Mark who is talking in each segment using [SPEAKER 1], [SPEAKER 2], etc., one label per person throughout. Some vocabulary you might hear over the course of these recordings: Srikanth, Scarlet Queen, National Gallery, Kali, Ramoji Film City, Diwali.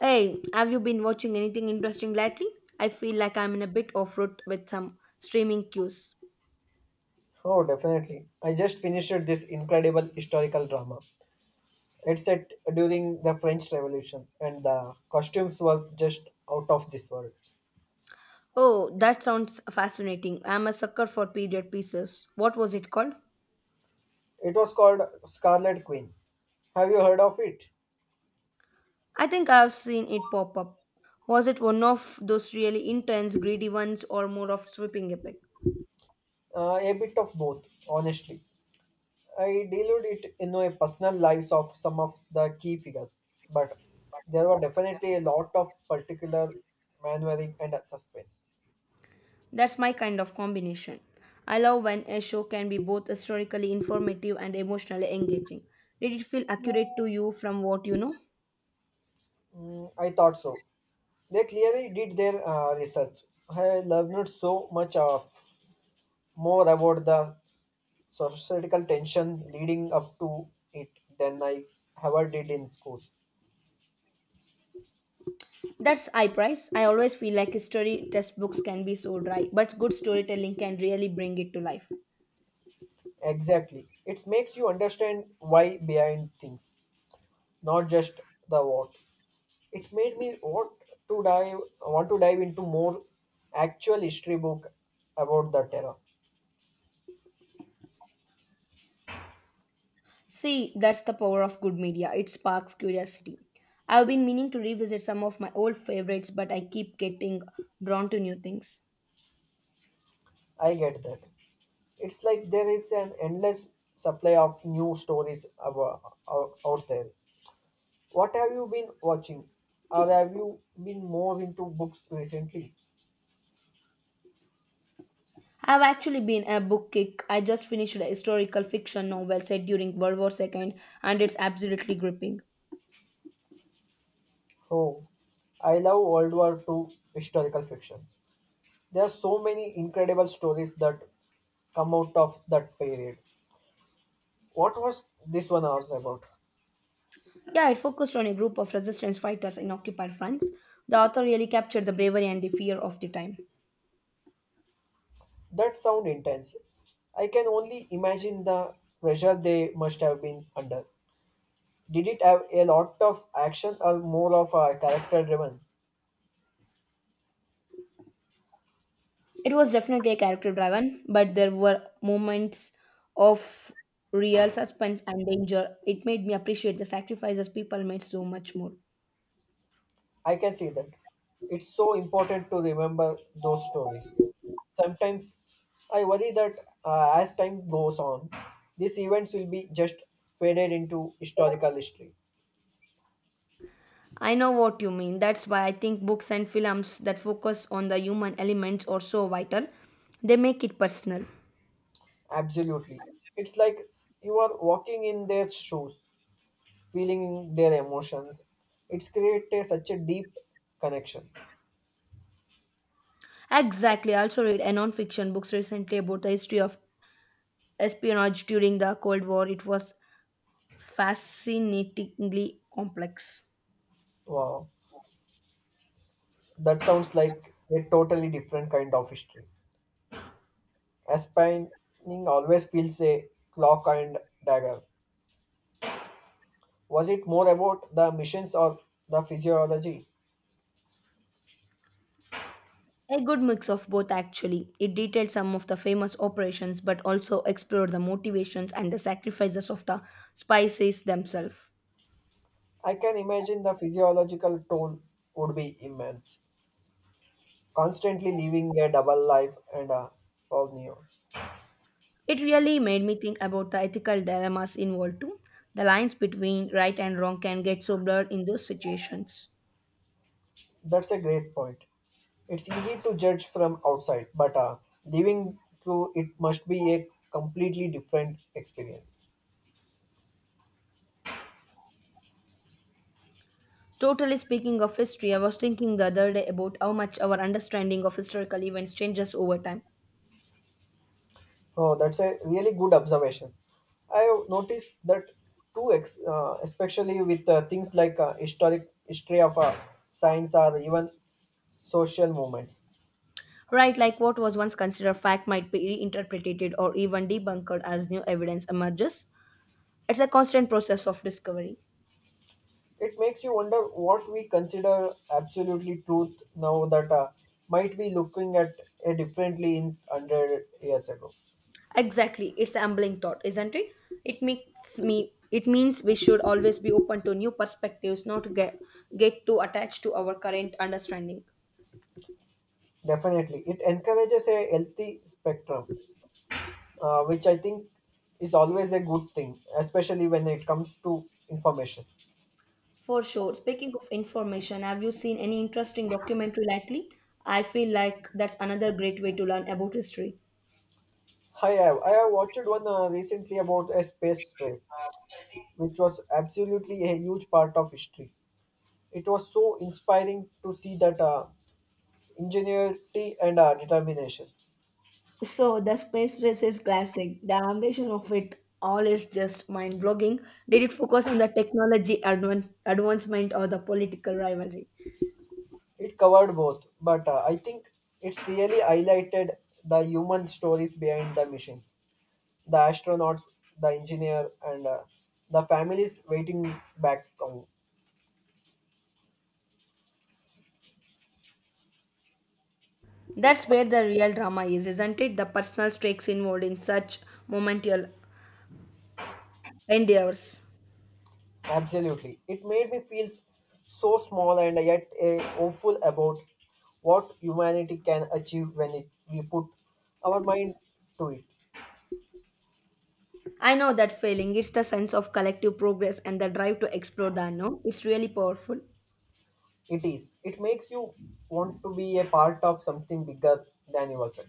[SPEAKER 1] Hey, have you been watching anything interesting lately? I feel like I'm in a bit off route with some streaming cues.
[SPEAKER 2] Oh, definitely. I just finished this incredible historical drama. It's set during the French Revolution, and the costumes were just out of this world.
[SPEAKER 1] Oh, that sounds fascinating. I'm a sucker for period pieces. What was it called?
[SPEAKER 2] It was called Scarlet Queen. Have you heard of it?
[SPEAKER 1] I think I've seen it pop up. Was it one of those really intense, greedy ones or more of sweeping epic?
[SPEAKER 2] A bit of both, honestly. I delved it in a personal lives of some of the key figures, but there were definitely a lot of particular maneuvering and suspense.
[SPEAKER 1] That's my kind of combination. I love when a show can be both historically informative and emotionally engaging. Did it feel accurate to you from what you know?
[SPEAKER 2] Mm, I thought so. They clearly did their research. I learned so much of more about the societal tension leading up to it than I ever did in school.
[SPEAKER 1] That's high price. I always feel like history textbooks can be so dry, but good storytelling can really bring it to life.
[SPEAKER 2] Exactly. It makes you understand why behind things, not just the what. It made me want to dive into more actual history book about the terror.
[SPEAKER 1] See, that's the power of good media. It sparks curiosity. I've been meaning to revisit some of my old favorites, but I keep getting drawn to new things.
[SPEAKER 2] I get that. It's like there is an endless supply of new stories about, out there. What have you been watching? Or have you been more into books recently?
[SPEAKER 1] I've actually been a book kick. I just finished a historical fiction novel set during World War II, and it's absolutely gripping.
[SPEAKER 2] Oh, I love World War Two historical fictions. There are so many incredible stories that come out of that period. What was this one hours about?
[SPEAKER 1] Yeah, it focused on a group of resistance fighters in occupied France. The author really captured the bravery and the fear of the time.
[SPEAKER 2] That sound intense. I can only imagine the pressure they must have been under. Did it have a lot of action or more of a character driven?
[SPEAKER 1] It was definitely a character driven, but there were moments of real suspense and danger. It made me appreciate the sacrifices people made so much more.
[SPEAKER 2] I can see that. It's so important to remember those stories. Sometimes I worry that as time goes on, these events will be just faded into historical history.
[SPEAKER 1] I know what you mean. That's why I think books and films that focus on the human elements are so vital. They make it personal.
[SPEAKER 2] Absolutely. It's like you are walking in their shoes, feeling their emotions. It's created such a deep connection.
[SPEAKER 1] Exactly. I also read a non-fiction books recently about the history of espionage during the Cold War. It was fascinatingly complex.
[SPEAKER 2] Wow. That sounds like a totally different kind of history. Aspiring always feels a clock and dagger. Was it more about the missions or the physiology?
[SPEAKER 1] A good mix of both, actually. It detailed some of the famous operations but also explored the motivations and the sacrifices of the spices themselves.
[SPEAKER 2] I can imagine the physiological toll would be immense. Constantly living a double life and a all new.
[SPEAKER 1] It really made me think about the ethical dilemmas involved too. The lines between right and wrong can get so blurred in those situations.
[SPEAKER 2] That's a great point. It's easy to judge from outside, but living through it must be a completely different experience.
[SPEAKER 1] Totally speaking of history, I was thinking the other day about how much our understanding of historical events changes over time.
[SPEAKER 2] Oh, that's a really good observation. I have noticed that too, especially with things like historic history of science or even social movements.
[SPEAKER 1] Right, like what was once considered fact might be reinterpreted or even debunked as new evidence emerges. It's a constant process of discovery.
[SPEAKER 2] It makes you wonder what we consider absolutely truth now that might be looking at it differently in 100 years ago.
[SPEAKER 1] Exactly, it's a humbling thought, isn't it? It makes me. It means we should always be open to new perspectives, not to get too attached to our current understanding.
[SPEAKER 2] Definitely, it encourages a healthy spectrum, which I think is always a good thing, especially when it comes to information.
[SPEAKER 1] For sure. Speaking of information, have you seen any interesting documentary lately? I feel like that's another great way to learn about history.
[SPEAKER 2] Hi, I have watched one recently about a space race, which was absolutely a huge part of history. It was so inspiring to see that ingenuity and determination.
[SPEAKER 1] So the space race is classic. The ambition of it all is just mind blogging. Did it focus on the technology advancement or the political rivalry?
[SPEAKER 2] It covered both, but I think it's really highlighted the human stories behind the missions, the astronauts, the engineer, and the families waiting back home.
[SPEAKER 1] That's where the real drama is, isn't it? The personal stakes involved in such momentous endeavors.
[SPEAKER 2] Absolutely. It made me feel so small and yet hopeful about what humanity can achieve when we put our mind to it.
[SPEAKER 1] I know that feeling. It's the sense of collective progress and the drive to explore the unknown. It's really powerful.
[SPEAKER 2] It is. It makes you want to be a part of something bigger than yourself.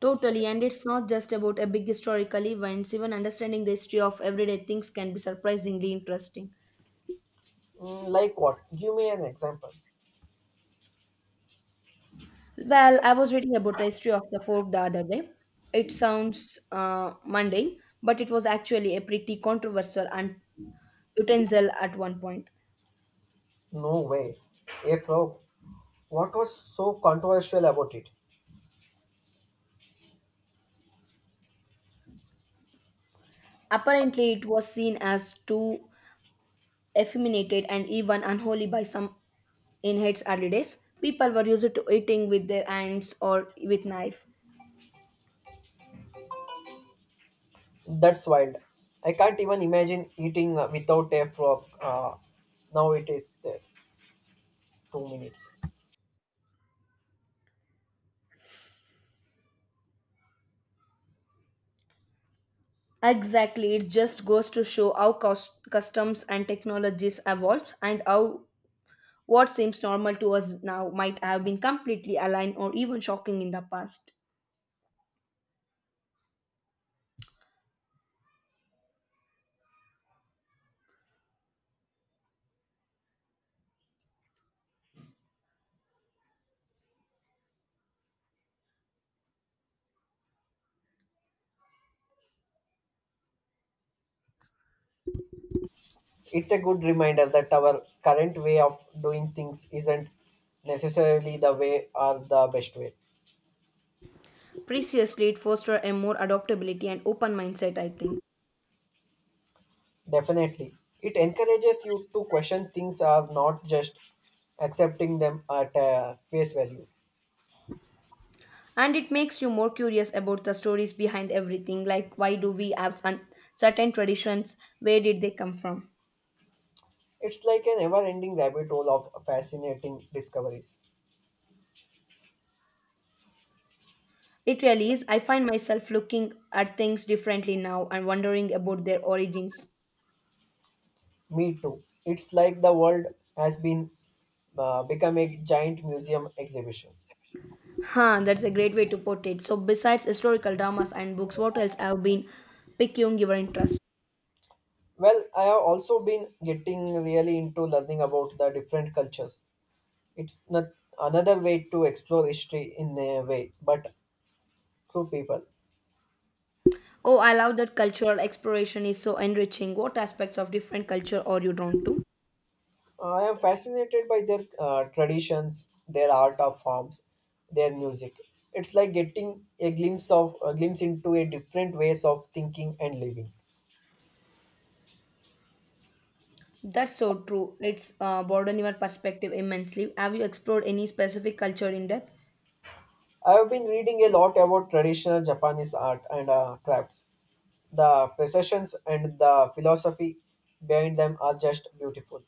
[SPEAKER 1] Totally, and it's not just about a big historical events. Even understanding the history of everyday things can be surprisingly interesting.
[SPEAKER 2] Mm, like what? Give me an example.
[SPEAKER 1] Well, I was reading about the history of the fork the other day. It sounds mundane, but it was actually a pretty controversial utensil at one point.
[SPEAKER 2] No way. A frog. What was so controversial about it?
[SPEAKER 1] Apparently, it was seen as too effeminated and even unholy by some in its early days. People were used to eating with their hands or with knife.
[SPEAKER 2] That's wild. I can't even imagine eating without a frog. Now it is there. 2 minutes.
[SPEAKER 1] Exactly, it just goes to show how customs and technologies evolved and how what seems normal to us now might have been completely aligned or even shocking in the past.
[SPEAKER 2] It's a good reminder that our current way of doing things isn't necessarily the way or the best way.
[SPEAKER 1] Preciously, it fostered a more adaptability and open mindset, I think.
[SPEAKER 2] Definitely. It encourages you to question things are not just accepting them at face value.
[SPEAKER 1] And it makes you more curious about the stories behind everything, like, why do we have certain traditions? Where did they come from?
[SPEAKER 2] It's like a never ending rabbit hole of fascinating discoveries.
[SPEAKER 1] It really is. I find myself looking at things differently now and wondering about their origins.
[SPEAKER 2] Me too. It's like the world has been become a giant museum exhibition.
[SPEAKER 1] Huh, that's a great way to put it. So besides historical dramas and books, what else have been piquing your interest?
[SPEAKER 2] Well, I have also been getting really into learning about the different cultures. It's not another way to explore history in a way, but through people.
[SPEAKER 1] Oh, I love that. Cultural exploration is so enriching. What aspects of different culture are you drawn to?
[SPEAKER 2] I am fascinated by their traditions, their art of forms, their music. It's like getting a glimpse into a different ways of thinking and living.
[SPEAKER 1] That's so true. It's broadened your perspective immensely. Have you explored any specific culture in depth?
[SPEAKER 2] I have been reading a lot about traditional Japanese art and crafts. The processions and the philosophy behind them are just beautiful.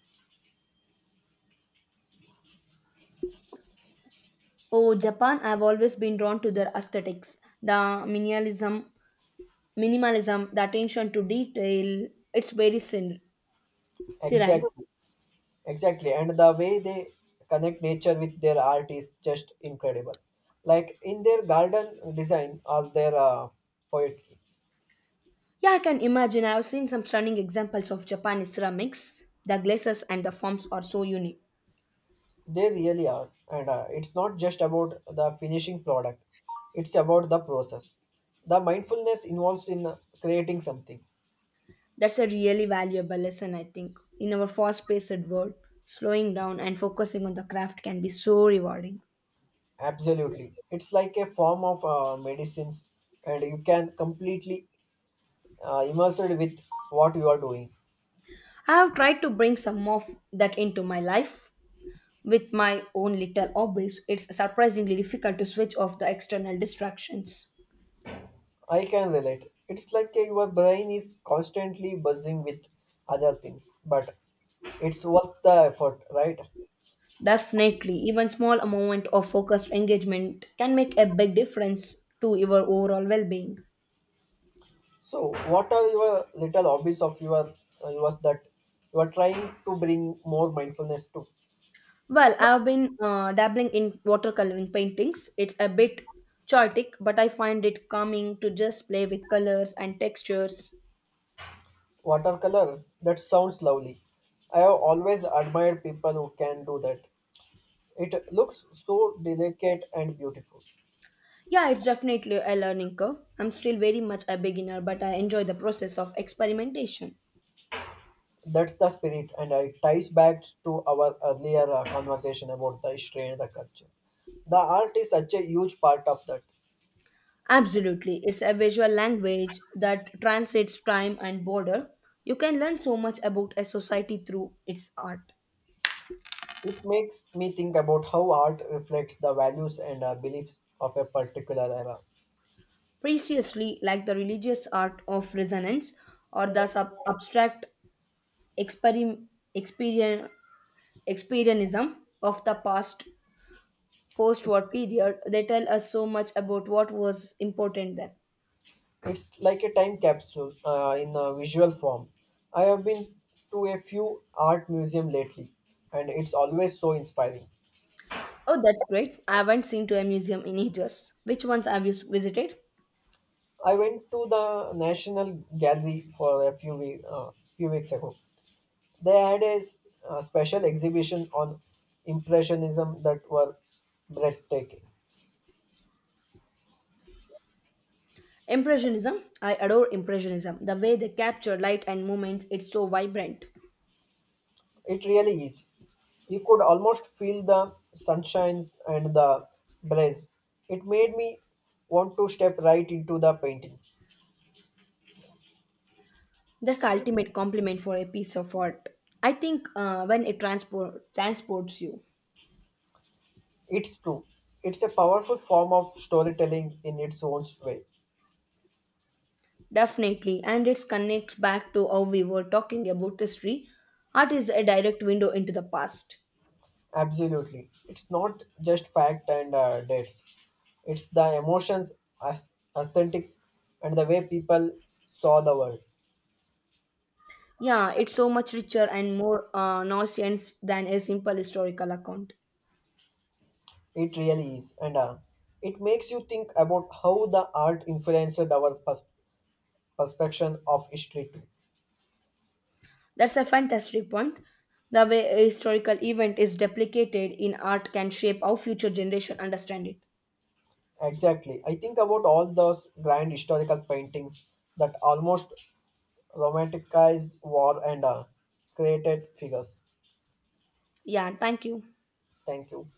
[SPEAKER 1] Oh, Japan! I've always been drawn to their aesthetics, the minimalism, the attention to detail. It's very serene.
[SPEAKER 2] Exactly. Exactly, and the way they connect nature with their art is just incredible. Like in their garden design or their poetry.
[SPEAKER 1] Yeah, I can imagine. I've seen some stunning examples of Japanese ceramics. The glazes and the forms are so unique.
[SPEAKER 2] They really are. And it's not just about the finishing product; it's about the process. The mindfulness involves in creating something.
[SPEAKER 1] That's a really valuable lesson, I think. In our fast-paced world, slowing down and focusing on the craft can be so rewarding.
[SPEAKER 2] Absolutely, it's like a form of medicines, and you can completely immersed with what you are doing.
[SPEAKER 1] I have tried to bring some of that into my life. With my own little hobbies, it's surprisingly difficult to switch off the external distractions.
[SPEAKER 2] I can relate. It's like your brain is constantly buzzing with other things, but it's worth the effort, right?
[SPEAKER 1] Definitely, even small amount of focused engagement can make a big difference to your overall well-being.
[SPEAKER 2] So, what are your little hobbies of your yours that you are trying to bring more mindfulness to?
[SPEAKER 1] Well, I've been dabbling in watercoloring paintings. It's a bit chaotic, but I find it calming to just play with colors and textures.
[SPEAKER 2] Watercolor. That sounds lovely. I have always admired people who can do that. It looks so delicate and beautiful.
[SPEAKER 1] Yeah, it's definitely a learning curve. I'm still very much a beginner, but I enjoy the process of experimentation.
[SPEAKER 2] That's the spirit, and it ties back to our earlier conversation about the history and the culture. The art is such a huge part of that.
[SPEAKER 1] Absolutely. It's a visual language that translates time and border. You can learn so much about a society through its art.
[SPEAKER 2] It makes me think about how art reflects the values and beliefs of a particular era.
[SPEAKER 1] Preciously, like the religious art of resonance or the abstract experim- experien- experienism of the past post
[SPEAKER 2] It's,
[SPEAKER 1] war period, they tell us so much about what was important then.
[SPEAKER 2] it's like a time capsule in a visual form. I have been to a few art museum lately, and it's always so inspiring.
[SPEAKER 1] Oh, that's great. I haven't seen to a museum in ages. Which ones have you visited?
[SPEAKER 2] I went to the National Gallery for a few weeks ago. They had a special exhibition on Impressionism that were breathtaking.
[SPEAKER 1] Impressionism. I adore Impressionism. The way they capture light and movements, it's so vibrant.
[SPEAKER 2] It really is. You could almost feel the sunshines and the breeze. It made me want to step right into the painting.
[SPEAKER 1] That's the ultimate compliment for a piece of art. I think when it transports you.
[SPEAKER 2] It's true. It's a powerful form of storytelling in its own way.
[SPEAKER 1] Definitely. And it connects back to how we were talking about history. Art is a direct window into the past.
[SPEAKER 2] Absolutely. It's not just fact and dates. It's the emotions, as- aesthetic, and the way people saw the world.
[SPEAKER 1] Yeah, it's so much richer and more nauseous than a simple historical account.
[SPEAKER 2] It really is, and it makes you think about how the art influenced our perception of history too.
[SPEAKER 1] That's a fantastic point. The way a historical event is duplicated in art can shape how future generations understand it.
[SPEAKER 2] Exactly, I think about all those grand historical paintings that almost romanticized war and created figures.
[SPEAKER 1] Yeah, thank you.
[SPEAKER 2] Thank you.